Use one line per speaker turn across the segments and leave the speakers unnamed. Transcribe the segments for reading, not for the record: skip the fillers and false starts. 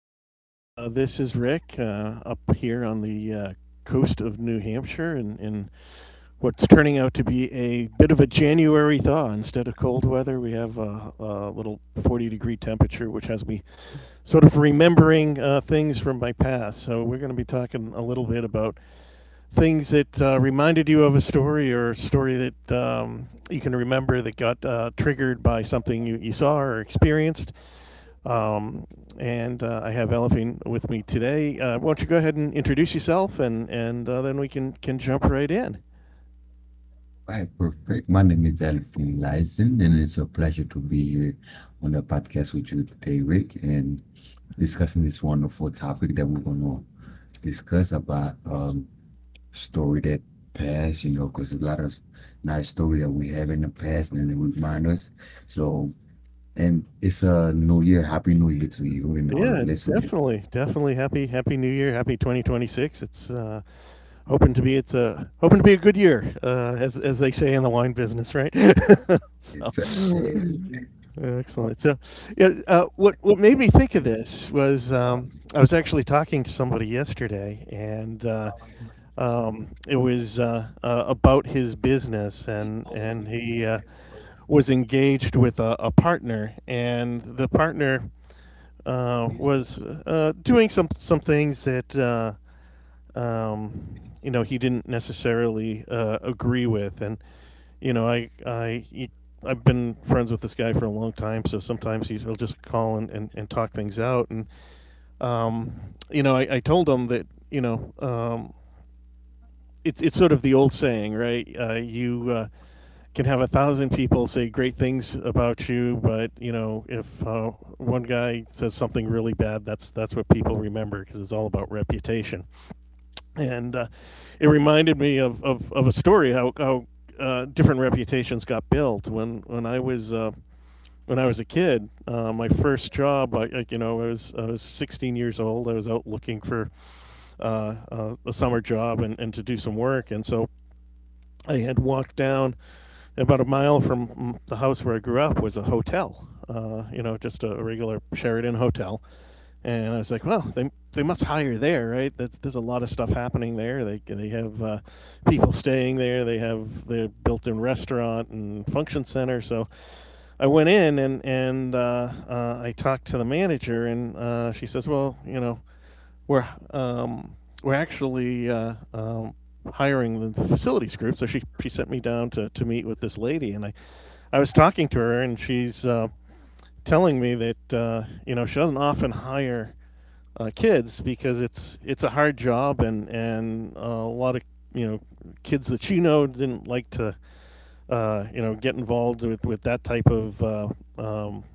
Good morning. This is Rick up here on the coast of New Hampshire, and in what's turning out to be a bit of a January thaw. Instead of cold weather, we have a little 40-degree temperature, which has me sort of remembering things from my past. So we're going to be talking a little bit about things that reminded you of a story or a story that you can remember that got triggered by something you saw or experienced um, and I have Elephine with me today. Why don't you go ahead and introduce yourself, and then we can jump right in.
Hi, perfect. My name is Elfin Lyson, and it's a pleasure to be here on the podcast with you today, Rick, and discussing this wonderful topic that we're going to discuss about story that past, you know, because a lot of nice story that we have in the past and it remind us. So, and it's a new year. Happy New Year to you and all the
Yeah,
listeners.
definitely. Happy New Year, Happy 2026. It's hoping to be a good year, as they say in the wine business, right? so,
It's
Excellent. Yeah, what made me think of this was I was actually talking to somebody yesterday, and it was about his business, and he was engaged with a partner, and the partner was doing some things that um, you know he didn't necessarily agree with, and you know, I've been friends with this guy for a long time, so sometimes he'll just call and talk things out. And um, you know, I told him that it's sort of the old saying, right? You can have a thousand people say great things about you, but you know, if one guy says something really bad, that's what people remember because it's all about reputation and It reminded me of a story how different reputations got built when I was when I was a kid. My first job, you know, I was 16 years old. I was out looking for a summer job and to do some work, and so I had walked down about a mile from the house where I grew up was a hotel. You know, just a regular Sheridan hotel, and I was like, well, they must hire there, right? There's a lot of stuff happening there. They have people staying there. They have their built-in restaurant and function center. So I went in and I talked to the manager, and she says, well, you know, we're um, we're actually. Hiring the facilities group. So she sent me down to meet with this lady, and I was talking to her, and she's telling me that you know, she doesn't often hire kids because it's a hard job, and a lot of you know kids that you know didn't like to you know get involved with that type of um,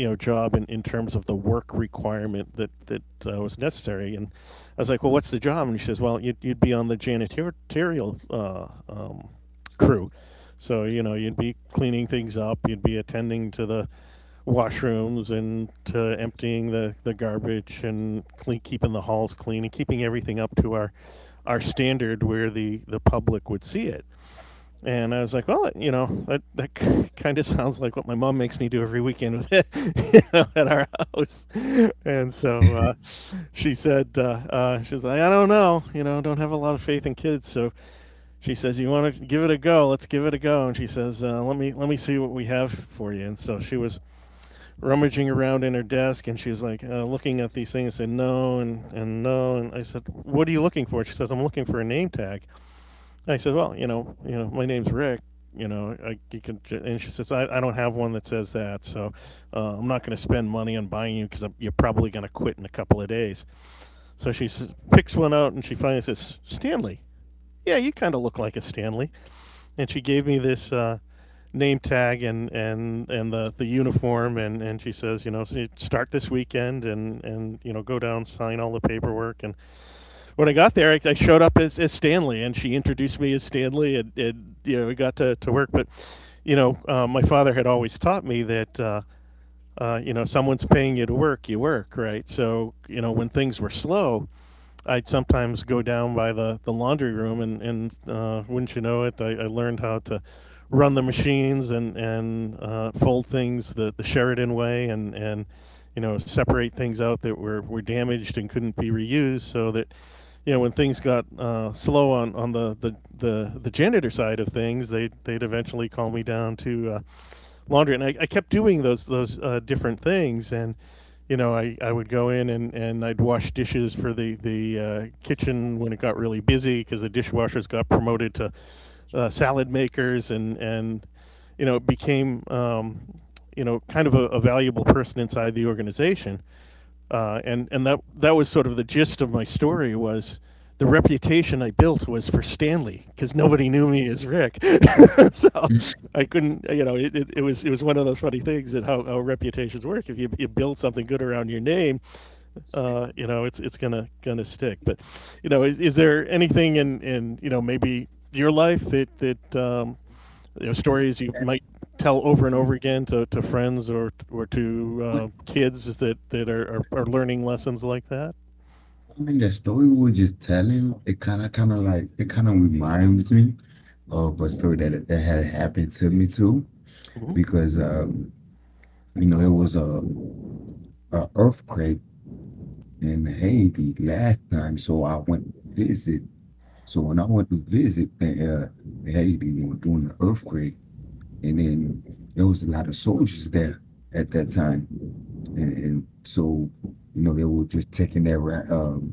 you know job in terms of the work requirement that was necessary. And I was like, well, what's the job? And she says, well, you'd be on the janitorial crew. So you know you'd be cleaning things up, you'd be attending to the washrooms and to emptying the garbage and keeping the halls clean and keeping everything up to our standard where the public would see it. And I was like, well, you know, that kind of sounds like what my mom makes me do every weekend with it you know, at our house. And so she said, she's like, I don't know, you know, don't have a lot of faith in kids. So she says, you want to give it a go? Let's give it a go. And she says, let me see what we have for you. And so she was rummaging around in her desk, and she's like looking at these things, and no and no. And I said, what are you looking for? She says, I'm looking for a name tag. And I said, well, you know, you know my name's Rick. You know, you can. And she says, I don't have one that says that. So I'm not going to spend money on buying you because you're probably going to quit in a couple of days. So she s picks one out, and she finally says Stanley. Yeah, you kind of look like a Stanley. And she gave me this name tag and the uniform, and she says, you know, so you start this weekend, and you know, go down, sign all the paperwork. And when I got there, I showed up as Stanley, and she introduced me as Stanley, and you know, we got to work. But you know, my father had always taught me that you know, someone's paying you to work, you work, right? So you know, when things were slow, I'd sometimes go down by the laundry room, and wouldn't you know it, I learned how to run the machines, and fold things the Sheridan way, and you know, separate things out that were damaged and couldn't be reused, so that you know, when things got slow on the janitor side of things, they'd eventually call me down to laundry, and I kept doing those different things. And you know, I would go in, and I'd wash dishes for the kitchen when it got really busy because the dishwashers got promoted to salad makers, and you know, became you know, kind of a valuable person inside the organization. And that was sort of the gist of my story. Was the reputation I built was for Stanley because nobody knew me as Rick, so I couldn't. You know, it was one of those funny things that how reputations work. If you build something good around your name, you know, it's gonna stick. But you know, is there anything in you know maybe your life that you know, stories you might tell over and over again to friends or to kids that are learning lessons like that.
I mean, the story we were just telling, it kind of reminds me of a story that had happened to me too,
Hmm.
because you know, it was a earthquake in Haiti last time, so I went to visit. So when I went to visit Haiti, you know, during the earthquake, and then there was a lot of soldiers there at that time, and so you know they were just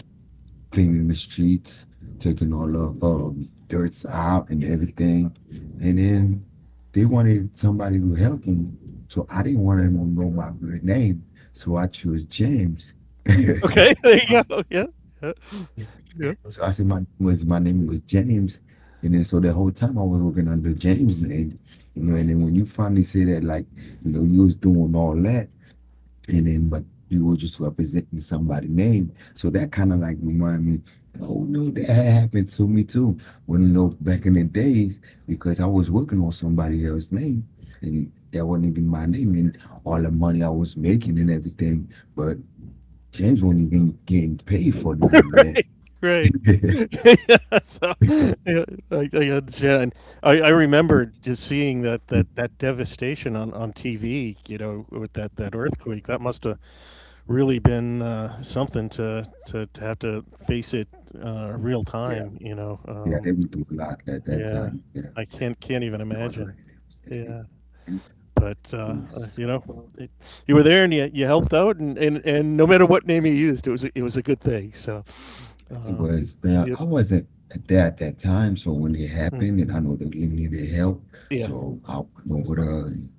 cleaning the streets, taking all the dirts out and everything. And then they wanted somebody to help them. So I didn't want them to know my real name. So I chose James.
Okay, there you go. Yeah, yeah, yeah.
So I said my was my name was James. And then so the whole time I was working under James' name. You know, and then when you finally say that, like, you know, you was doing all that, and then but you were just representing somebody's name. So that kind of like remind me, oh no, that happened to me too. When, you know, back in the days, because I was working on somebody else's name and that wasn't even my name and all the money I was making and everything, but James wasn't even getting paid for none of that.
Right, right. yeah, so yeah, yeah, I remember just seeing that devastation on TV. You know, with that earthquake, that must have really been something to have to face it real
Yeah,
time. You know,
yeah, they went through a lot at that
Yeah,
time. Yeah.
I can't even
It wasn't like
imagine.
it was heavy.
Yeah,
And
but
it was
you know,
something.
it, you were there and you helped out, and no matter what name you used, it was it was a good thing. So,
It
uh,
was,
yep,
I wasn't there at that time, so when it
mm,
happened, and I know that they needed help,
yeah,
so I went over there and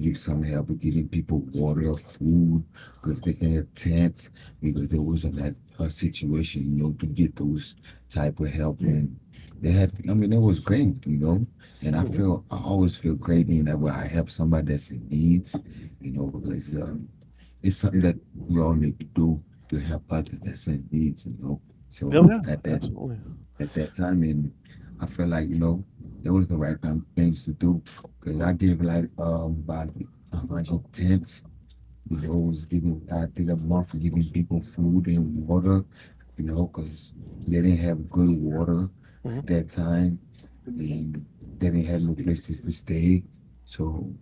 give some help with getting people water, food, because they had tents, because there wasn't that a situation, you know, to get those type of help, and they had, I mean, it was great, you know, and I
hmm,
feel, I always feel great whenever I help somebody that's in needs, you know, because it's something that we all need to do to help others that's in needs, you know.
oh
So
yeah,
at
absolutely.
that time, and I feel like you know it was the right time things to do because I gave like about 110, you know, it's giving I think a month giving people food and water, you know, because they didn't have good water
Hmm.
at that time and they didn't have no places to stay. So,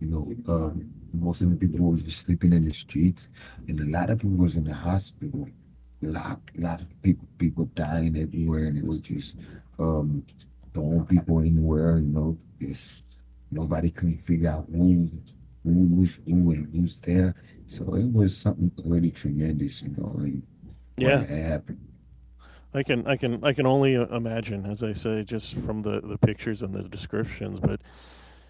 you know, most of the people was just sleeping in the streets and a lot of people was in the hospital. A lot of people dying everywhere and it was just um throwing people anywhere, you know, just nobody couldn't figure out who we was when was there. So it was something really tremendous, you know, and what
Yeah,
happened.
I can only imagine, as I say, just from the pictures and the descriptions. But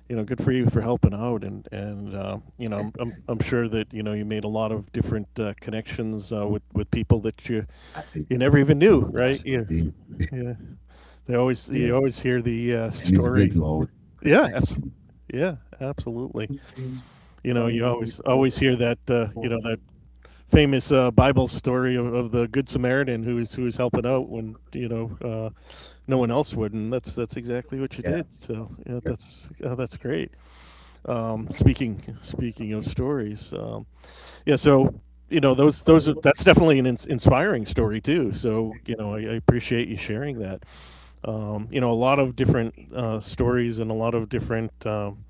you know, good for you for helping out, and you know, I'm sure that you know you made a lot of different connections with people that
I think
you never even knew,
I
right?
sure
Yeah,
did.
yeah. They always
Yeah.
you always hear the
And it's good
story.
to hold
Yeah, absolutely.
connection.
Yeah, absolutely. You know, you always hear that you know that famous Bible story of the Good Samaritan who is helping out when you know no one else would, and that's exactly what you
Yeah.
did. So yeah,
Yeah.
that's great. Speaking speaking of stories, yeah, so you know those are, that's definitely an inspiring story too. So you know, I appreciate you sharing that. You know, a lot of different stories and a lot of different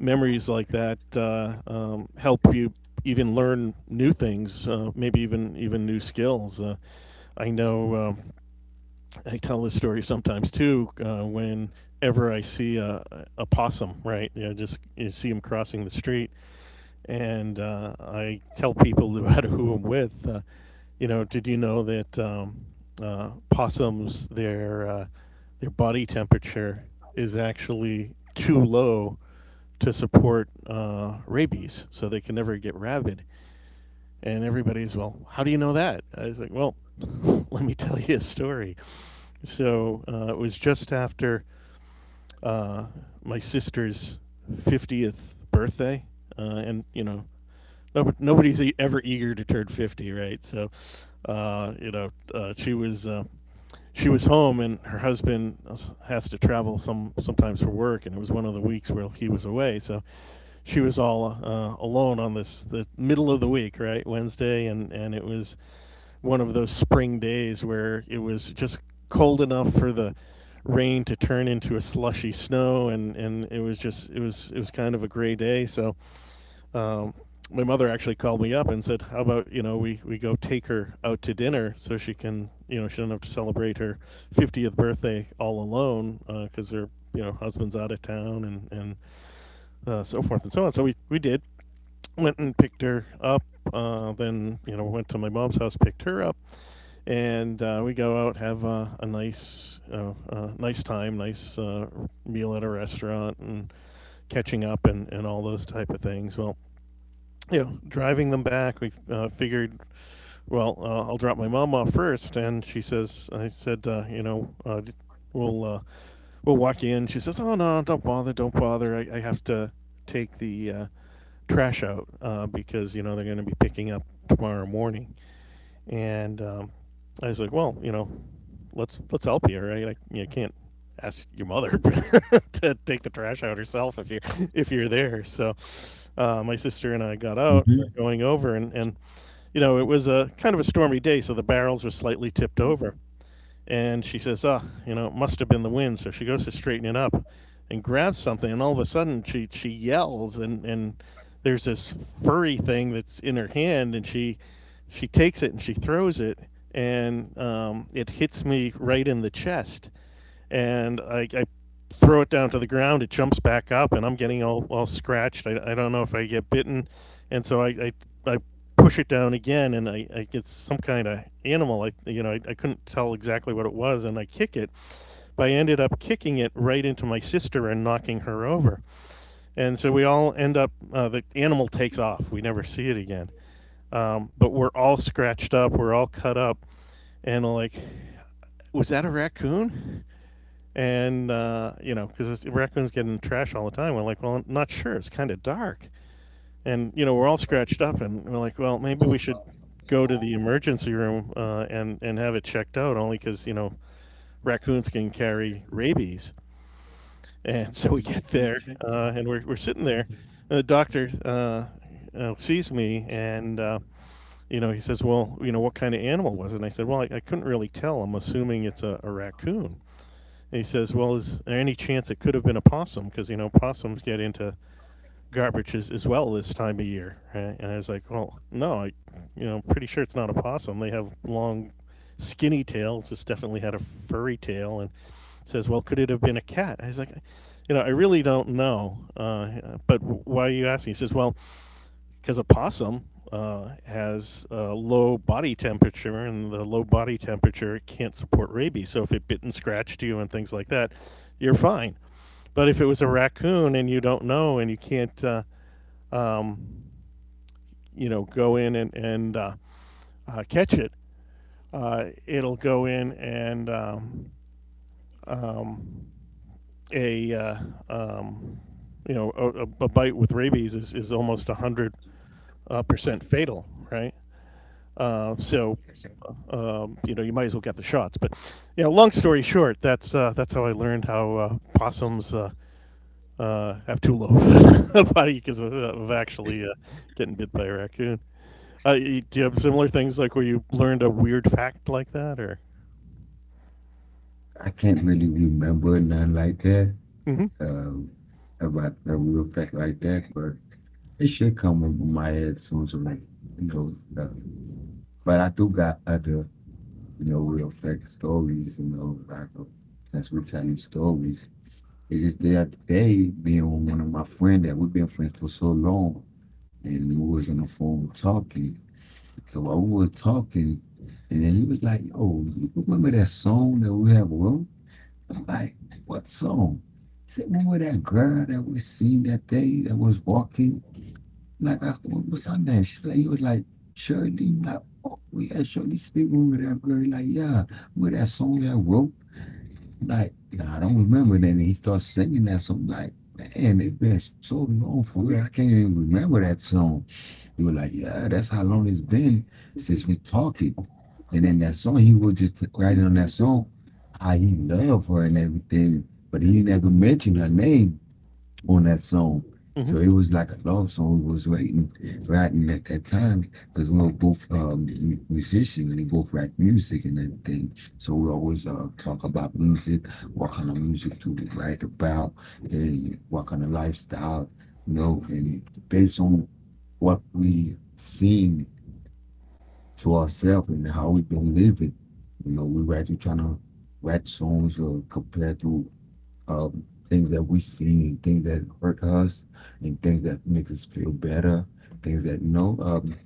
memories like that help you even learn new things, maybe even new skills. I know, I tell this story sometimes too, whenever I see a possum, right? You know, just you see him crossing the street, and I tell people who I'm with, you know, did you know that possums, their body temperature is actually too low to support rabies, so they can never get rabid. And everybody's, well, how do you know that? I was like, well, let me tell you a story. So it was just after uh, my sister's fiftieth birthday, and you know, no, nobody's ever eager to turn fifty, right? So, uh, you know, uh, she was uh, she was home and her husband has to travel sometimes for work, and it was one of the weeks where he was away, so she was all alone on this the middle of the week, right? Wednesday. And it was one of those spring days where it was just cold enough for the rain to turn into a slushy snow, and it was just it was kind of a gray day. So, um, my mother actually called me up and said, "How about, you know, we go take her out to dinner so she can, you know, she doesn't have to celebrate her 50th birthday all alone, because her, you know, husband's out of town, and so forth and so on." So we did went and picked her up. Then went to my mom's house, picked her up, and we go out, have a nice time, nice meal at a restaurant, and catching up, and all those type of things. Well, you know, driving them back, we figured, well, I'll drop my mom off first. And she says, I said, we'll uh, we'll walk you in. She says, oh no, don't bother, don't bother. I have to take the trash out because, you know, they're going to be picking up tomorrow morning. And I was like, well, you know, let's help you, right? I you can't ask your mother to take the trash out herself if you if you're there. So my sister and I got out, we're
hmm
going over, and you know, it was a kind of a stormy day, so the barrels were slightly tipped over. And she says, ah, you know, it must have been the wind. So she goes to straighten it up and grabs something. And all of a sudden, she yells, and there's this furry thing that's in her hand. And she takes it and she throws it, and it hits me right in the chest, and I throw it down to the ground. It jumps back up, and I'm getting all scratched. I don't know if I get bitten, and so I push it down again, and I get some kind of animal. I, you know, I couldn't tell exactly what it was, and I kick it. But I ended up kicking it right into my sister and knocking her over. And so we all end up, the animal takes off. We never see it again. But we're all scratched up. We're all cut up. And like, was that a raccoon? And, you know, because raccoons get in the trash all the time. We're like, well, I'm not sure. It's kind of dark. And, you know, we're all scratched up, and we're like, well, maybe we should go to the emergency room and have it checked out, only because, you know, raccoons can carry rabies. And so we get there, and we're sitting there. And the doctor sees me, and, you know, he says, well, you know, what kind of animal was it? And I said, well, I couldn't really tell. I'm assuming it's a raccoon. And he says, "Well, is there any chance it could have been a possum? Because, you know, possums get into garbage as well this time of year." Right? And I was like, "Well, no, I, you know, pretty sure it's not a possum. They have long, skinny tails. This definitely had a furry tail." And says, "Well, could it have been a cat?" I was like, "You know." Really don't know. But why are you asking? He says, "Well," because a possum has a low body temperature, and the low body temperature can't support rabies. So if it bit and scratched you and things like that, you're fine. But if it was a raccoon and you don't know and you can't, um, you know, go in and, and catch it, it'll go in and um, a um, you know, a bite with rabies is almost 100 percent fatal, right? Uh, so, you know, you might as well get the shots. But, you know, long story short, that's how I learned how possums have two lobe body because of
like,
actually getting bit by a raccoon. Do you have similar things like where you learned a weird fact like that, or?
I can't really remember none like that,
Hmm.
um, about the real fact like that, but it should come over my head soon. So like, you know, um, but I do got other, you know, real fact stories. You know, like, since we're telling stories, it's just the other day me and one of my friend that we've been friends for so long, and we was on the phone talking. So while we was talking, and then he was like, "Oh, you remember that song that we have wrote?" I'm like, what song? He said, remember that girl that we seen that day that was walking? Like, I said, what was her name? She's like, he was like, Shirley. I'm like, oh, we had Shirley Speak with that girl. He like, yeah, with that song that I wrote. Like, nah, I don't remember. Then he starts singing that song. Like, man, it's been so long for real. I can't even remember that song. You were like, yeah, that's how long it's been since we talking. And then that song, he was just writing on that song how he loved her and everything, but he never mentioned her name on that song. So
Hmm.
it was like a love song we was writing at that time because we were both musicians and we both write music and everything. So we always talk about music, what kind of music to write about, and what kind of lifestyle, you know, and based on what we seen to ourselves and how we been living. You know, we write, we trying to write songs or compare to things that we see, and things that hurt us, and things that make us feel better, things that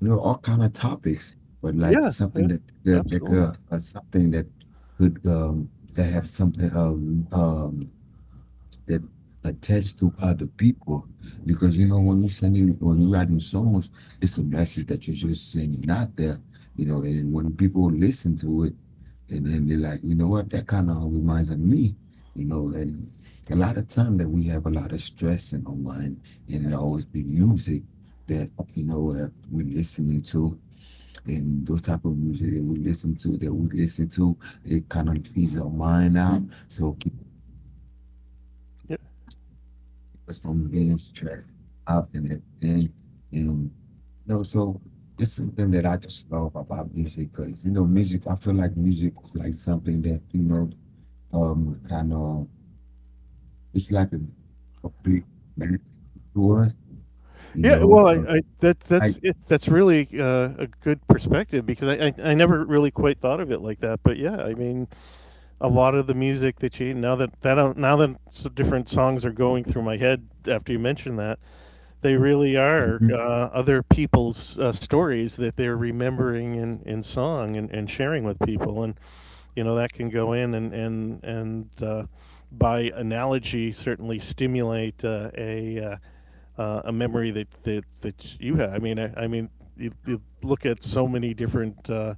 you know, all kind of topics, but like
Yeah,
something
yeah,
that
absolutely.
something that could that have something that attach to other people. Because you know, when you're writing songs, it's a message that you're just sending out there, you know, and when people listen to it and then they're like, you know what, that kind of reminds of me, you know, and a lot of time that we have a lot of stress in our mind and it always be music that you know we're listening to and those type of music that we listen to that we listen to, it kind of eases our mind out, so
Yeah,
was from being stressed out and everything. And you know, so it's something that I just love about music because you know, music. I feel like music is like something that you know, kind of it's like a big mentor to us. You
yeah.
know,
Well, I that
I,
that's it. That's really a good perspective, because I I never really quite thought of it like that. But yeah, I mean, a lot of the music that you now that that now that s different songs are going through my head after you mentioned that, they really
Mhm.
are other people's stories that they're remembering in song, and sharing with people. And you know that can go in and by analogy certainly stimulate a memory that, that you have. I mean, you, you look at so many different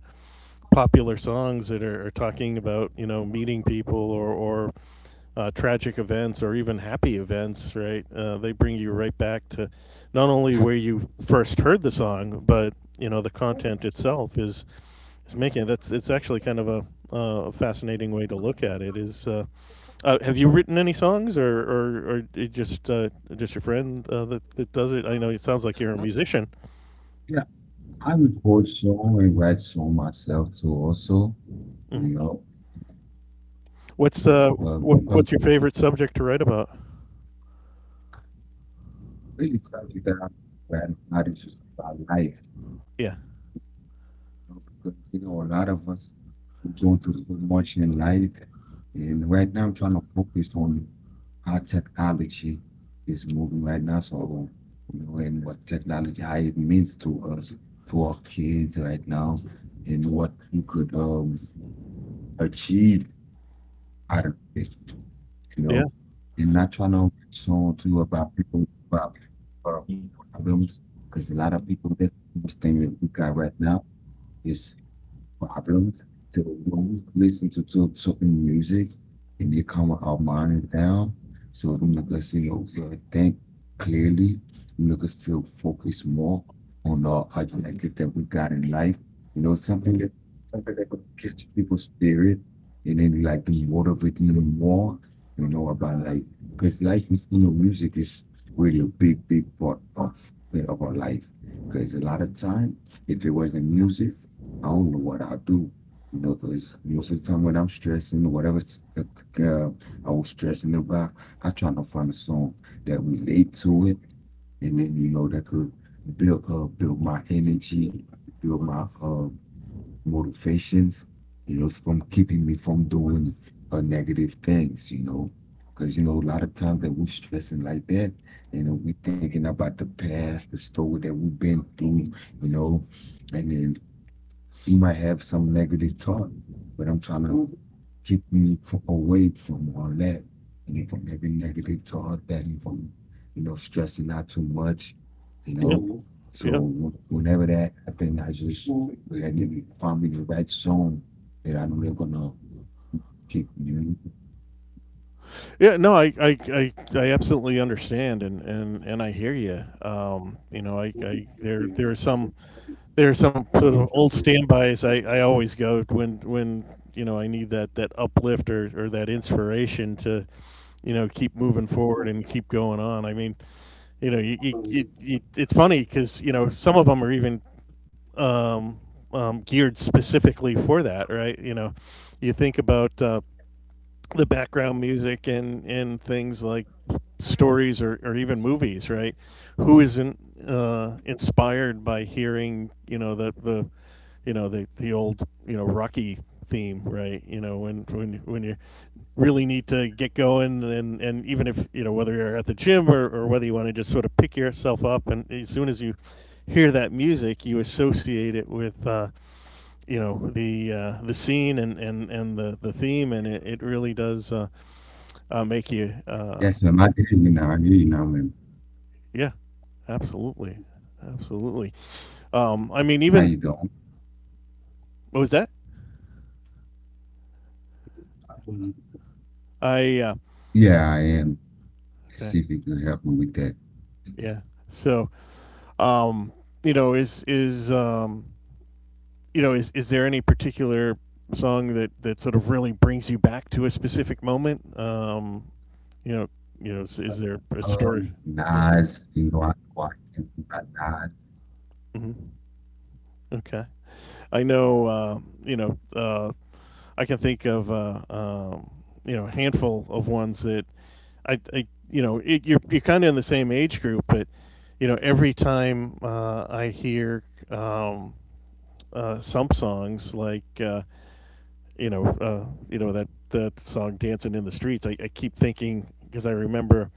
popular songs that are talking about, you know, meeting people, or tragic events or even happy events, right? They bring you right back to not only where you first heard the song, but you know the content itself is making it. That's it's actually kind of a fascinating way to look at it. Is have you written any songs, or it just your friend that that does it? I know it sounds like you're a
I,
musician.
yeah, I record song and write song myself too. Also,
Hmm.
you know,
What's
so you know,
what's your favorite subject to write about?
really something that I'm glad about is just about life,
Yeah,
know, because you know a lot of us go through so much in life, and right now I'm trying to focus on how technology is moving right now. So you know, and what technology how it means to us, to our kids right now, and what you could achieve out of it, you
yeah.
know. And I try to show to you about people about uh, problems, because a lot of people that's the most thing that we got right now is problems. So when we listen to certain music and it calm our mind down, so it make us, you know, think clearly, make us feel focused more on our objective that we got in life. You know, something that could catch people's spirit and then like motivate them more, you know, about like because life is you know, music is really a big part of our life. Because a lot of time, if it wasn't music, I don't know what I do. You know, because most of the time when I'm stressing or uh, I was stressing about, I try to find a song that relate to it, and then you know that could build my energy, build my motivations, you know, from keeping me from doing negative things, you know. Because you know, a lot of times that we're stressing like that, you know, we thinking about the past, the story that we've been through, you know, and then you might have some negative thought, but I'm trying to away from all that and from every negative thought that and from you know stressing out too much, you
Yep.
know. So
Yep.
whenever that happens, I just I need and find me the right song that I know they're gonna keep me.
Yeah. No, I absolutely understand, and, and I hear you. You know, there are there are some sort of old standbys I always go when, you know, I need that, that uplift, or that inspiration to, you know, keep moving forward and keep going on. I mean, you know, you it's funny because you know some of them are even um, geared specifically for that, right? You know, you think about the background music and things like stories, or even movies, right? Who isn't inspired by hearing, you know, the, you know, the old, you know, Rocky theme, right? You know, when when you really need to get going, and even if you know whether you're at the gym, or whether you want to just sort of pick yourself up, and as soon as you hear that music, you associate it with, you know, the scene, and the theme, and it really does make you
Yes, ma'am. I hear you now. I hear you now, ma'am.
yeah. Absolutely. Absolutely. I mean,
How you
even,
doing?
what was that? I
Yeah, I am. See
Okay.
if you can help me with that.
Yeah. So, um, you know, is you know, is there any particular song that that sort of really brings you back to a specific moment, you know, you know, is there a story?
Nas, you know,
Hmm. Okay. I know I can think of you know, a handful of ones that I, you know, it, you're kind of in the same age group, but you know, every time I hear um, some songs like you know, that that song "Dancing in the Streets," I keep thinking, because I remember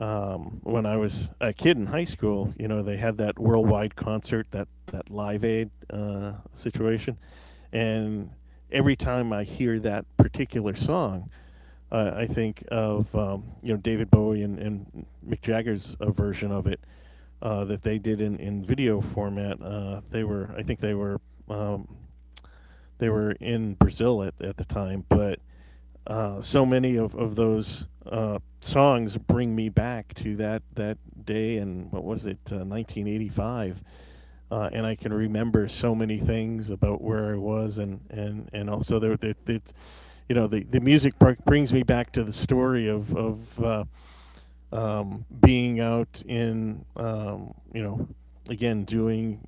when I was a kid in high school, you know, they had that worldwide concert, that that Live Aid situation, and every time I hear that particular song, I think of, you know, David Bowie and Mick Jagger's version of it that they did in video format. They were, I think um, they were in Brazil at the time, but so many of those songs bring me back to that that day. And what was it, 1985? And I can remember so many things about where I was, and also there it's, you know, the music brings me back to the story of being out in, you know, again, doing,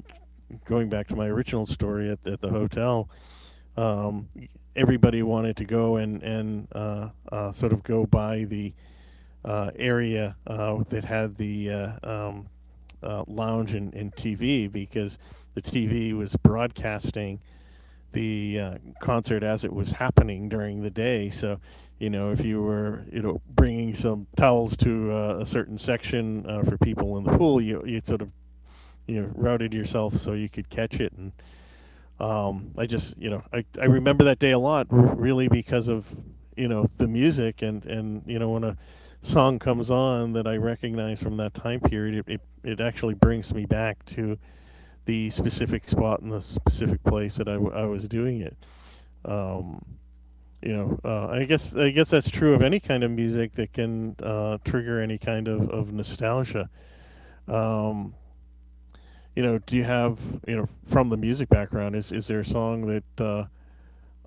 going back to my original story at the hotel. Um, Everybody wanted to go and sort of go by the area that had the lounge and TV because the TV was broadcasting the concert as it was happening during the day. So, if you were, bringing some towels to a certain section for people in the pool, you sort of routed yourself so you could catch it. And I just, I remember that day a lot, really because of, the music and when a song comes on that I recognize from that time period, it actually brings me back to the specific spot in the specific place that I was doing it. Um, I guess that's true of any kind of music that can trigger any kind of nostalgia. Um, you know, do you have from the music background? Is there a song that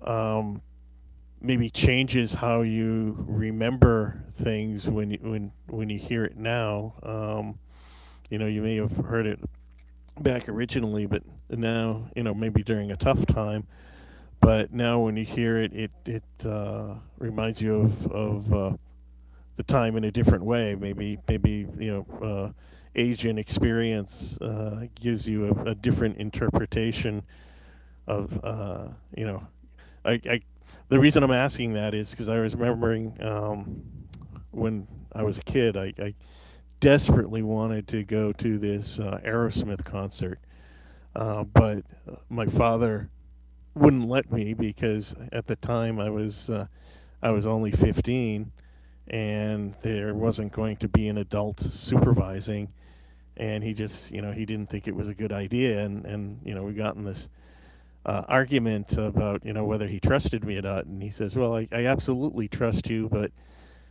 uh, um, maybe changes how you remember things when you hear it now? You know, you may have heard it back originally, but now you know maybe during a tough time, but now when you hear it, it reminds you of the time in a different way. Maybe you know age and experience gives you a different interpretation of you know. I the reason I'm asking that is because I was remembering when I was a kid, I desperately wanted to go to this Aerosmith concert, but my father wouldn't let me because at the time I was only 15 and there wasn't going to be an adult supervising, and he just, you know, he didn't think it was a good idea, and you know we got in this argument about, you know, whether he trusted me or not. And he says, well, I absolutely trust you, but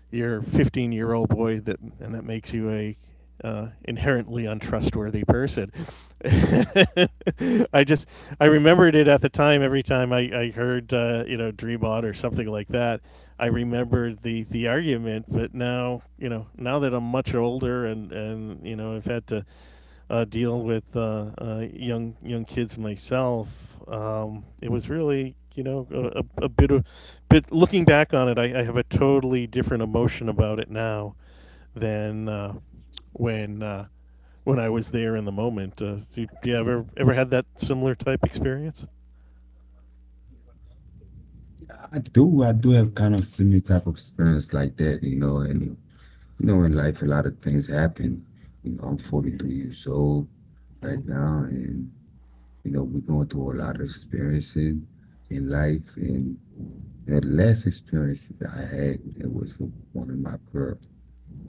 your 15-year-old year old boy, that makes you a inherently untrustworthy person. I just I remembered it at the time. Every time I heard you know Dream On or something like that, I remembered the argument. But now, you know, now that I'm much older, and you know I've had to deal with young kids myself, it was really, you know, bit of, but looking back on it, I have a totally different emotion about it now than when uh, when I was there in the moment. Do you ever had that similar type experience?
I do have kind of similar type of experience like that, you know, and you know, in life a lot of things happen. You know, I'm 43 years old right now,
Mm-hmm.
and you know, we're going through a lot of experiences in life. And the last experience that I had, it was with one of my girls,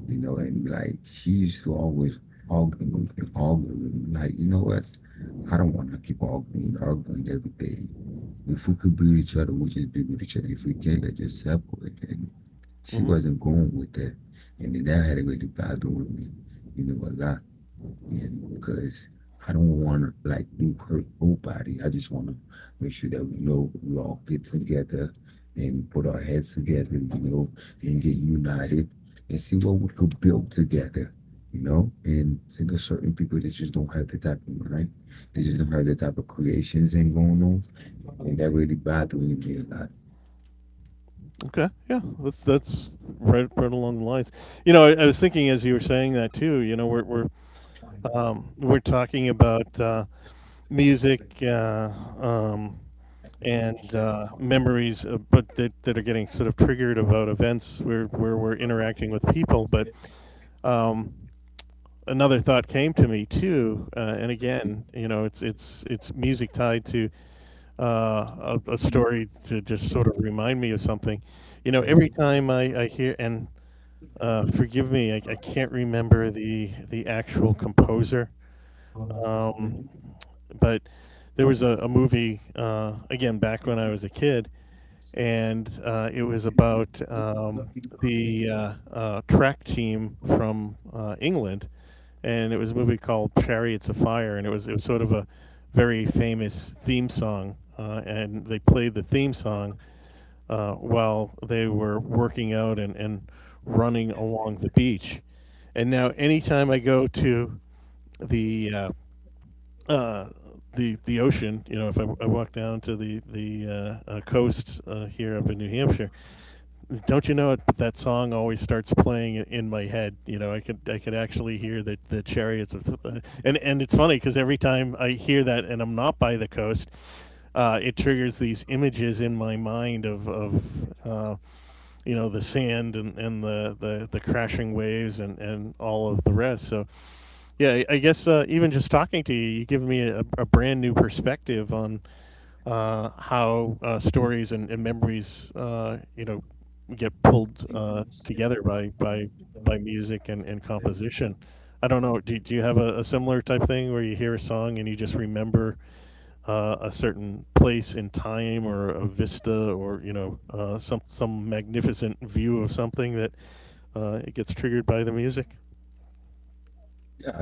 you know, and like she used to always argue with me, like, you know what? I don't want to keep arguing every day. If we could build each other, we just build with each other. If we can't, let's just separate. And she wasn't
Mm-hmm.
going with that. And then that had to go to bother with me, you know, a lot because I don't want to like do hurt nobody. I just want to make sure that we know we all get together and put our heads together, you know, and get united and see what we could build together, you know. And see, there's certain people that just don't have the type of mind, they just don't have the type of creations and going on, and that really bothering me a lot.
Okay, yeah, that's right along the lines. You know, I was thinking as you were saying that too. You know, we're talking about music, um, and memories, but that are getting sort of triggered about events where we're interacting with people. But um, another thought came to me too, and again, you know, it's music tied to a story to just sort of remind me of something. You know, every time I hear, and forgive me, I can't remember the actual composer, um, but there was a movie again back when I was a kid, and it was about the track team from England, and it was a movie called Chariots of Fire, and it was sort of a very famous theme song, and they played the theme song while they were working out and running along the beach. And now, anytime I go to the uh, uh, the ocean. You know, if I walk down to the coast here up in New Hampshire, don't you know it, that song always starts playing in my head. You know, I could actually hear the chariots of, the, and it's funny because every time I hear that and I'm not by the coast, it triggers these images in my mind of uh, you know the sand and the crashing waves and all of the rest. So yeah, I guess even just talking to you, you give me a brand new perspective on how stories and memories, you know, get pulled together by music and composition. I don't know. Do you have a similar type thing where you hear a song and you just remember a certain place in time or a vista or you know some magnificent view of something that it gets triggered by the music?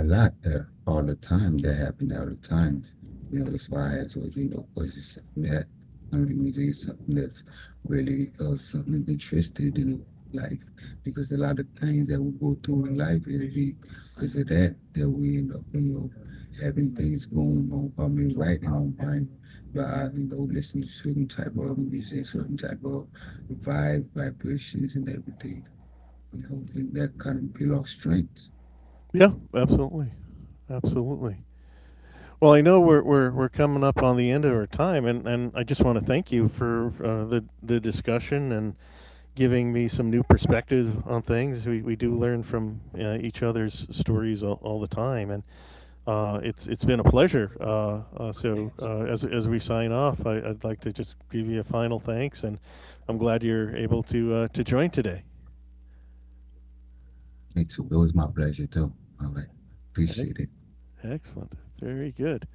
Yeah, a lot there all the time. That happened all the time. You know, that's why I told you, you know, poetry is something that country music is something that's really something interested in life because a lot of things that we go through in life because of that that we end up, you know, having things going on. I mean, right now, mind by you know, listening to certain type of music, certain type of vibe, vibrations, and everything. You know, and that kind of build our strength.
Yeah, absolutely, absolutely. Well, I know we're coming up on the end of our time, and I just want to thank you for the discussion and giving me some new perspectives on things. We do learn from each other's stories all the time, and it's been a pleasure. As we sign off, I'd like to just give you a final thanks, and I'm glad you're able to join today.
It's, it was my pleasure too. All right.
Ec-
Appreciate it.
Excellent, very good.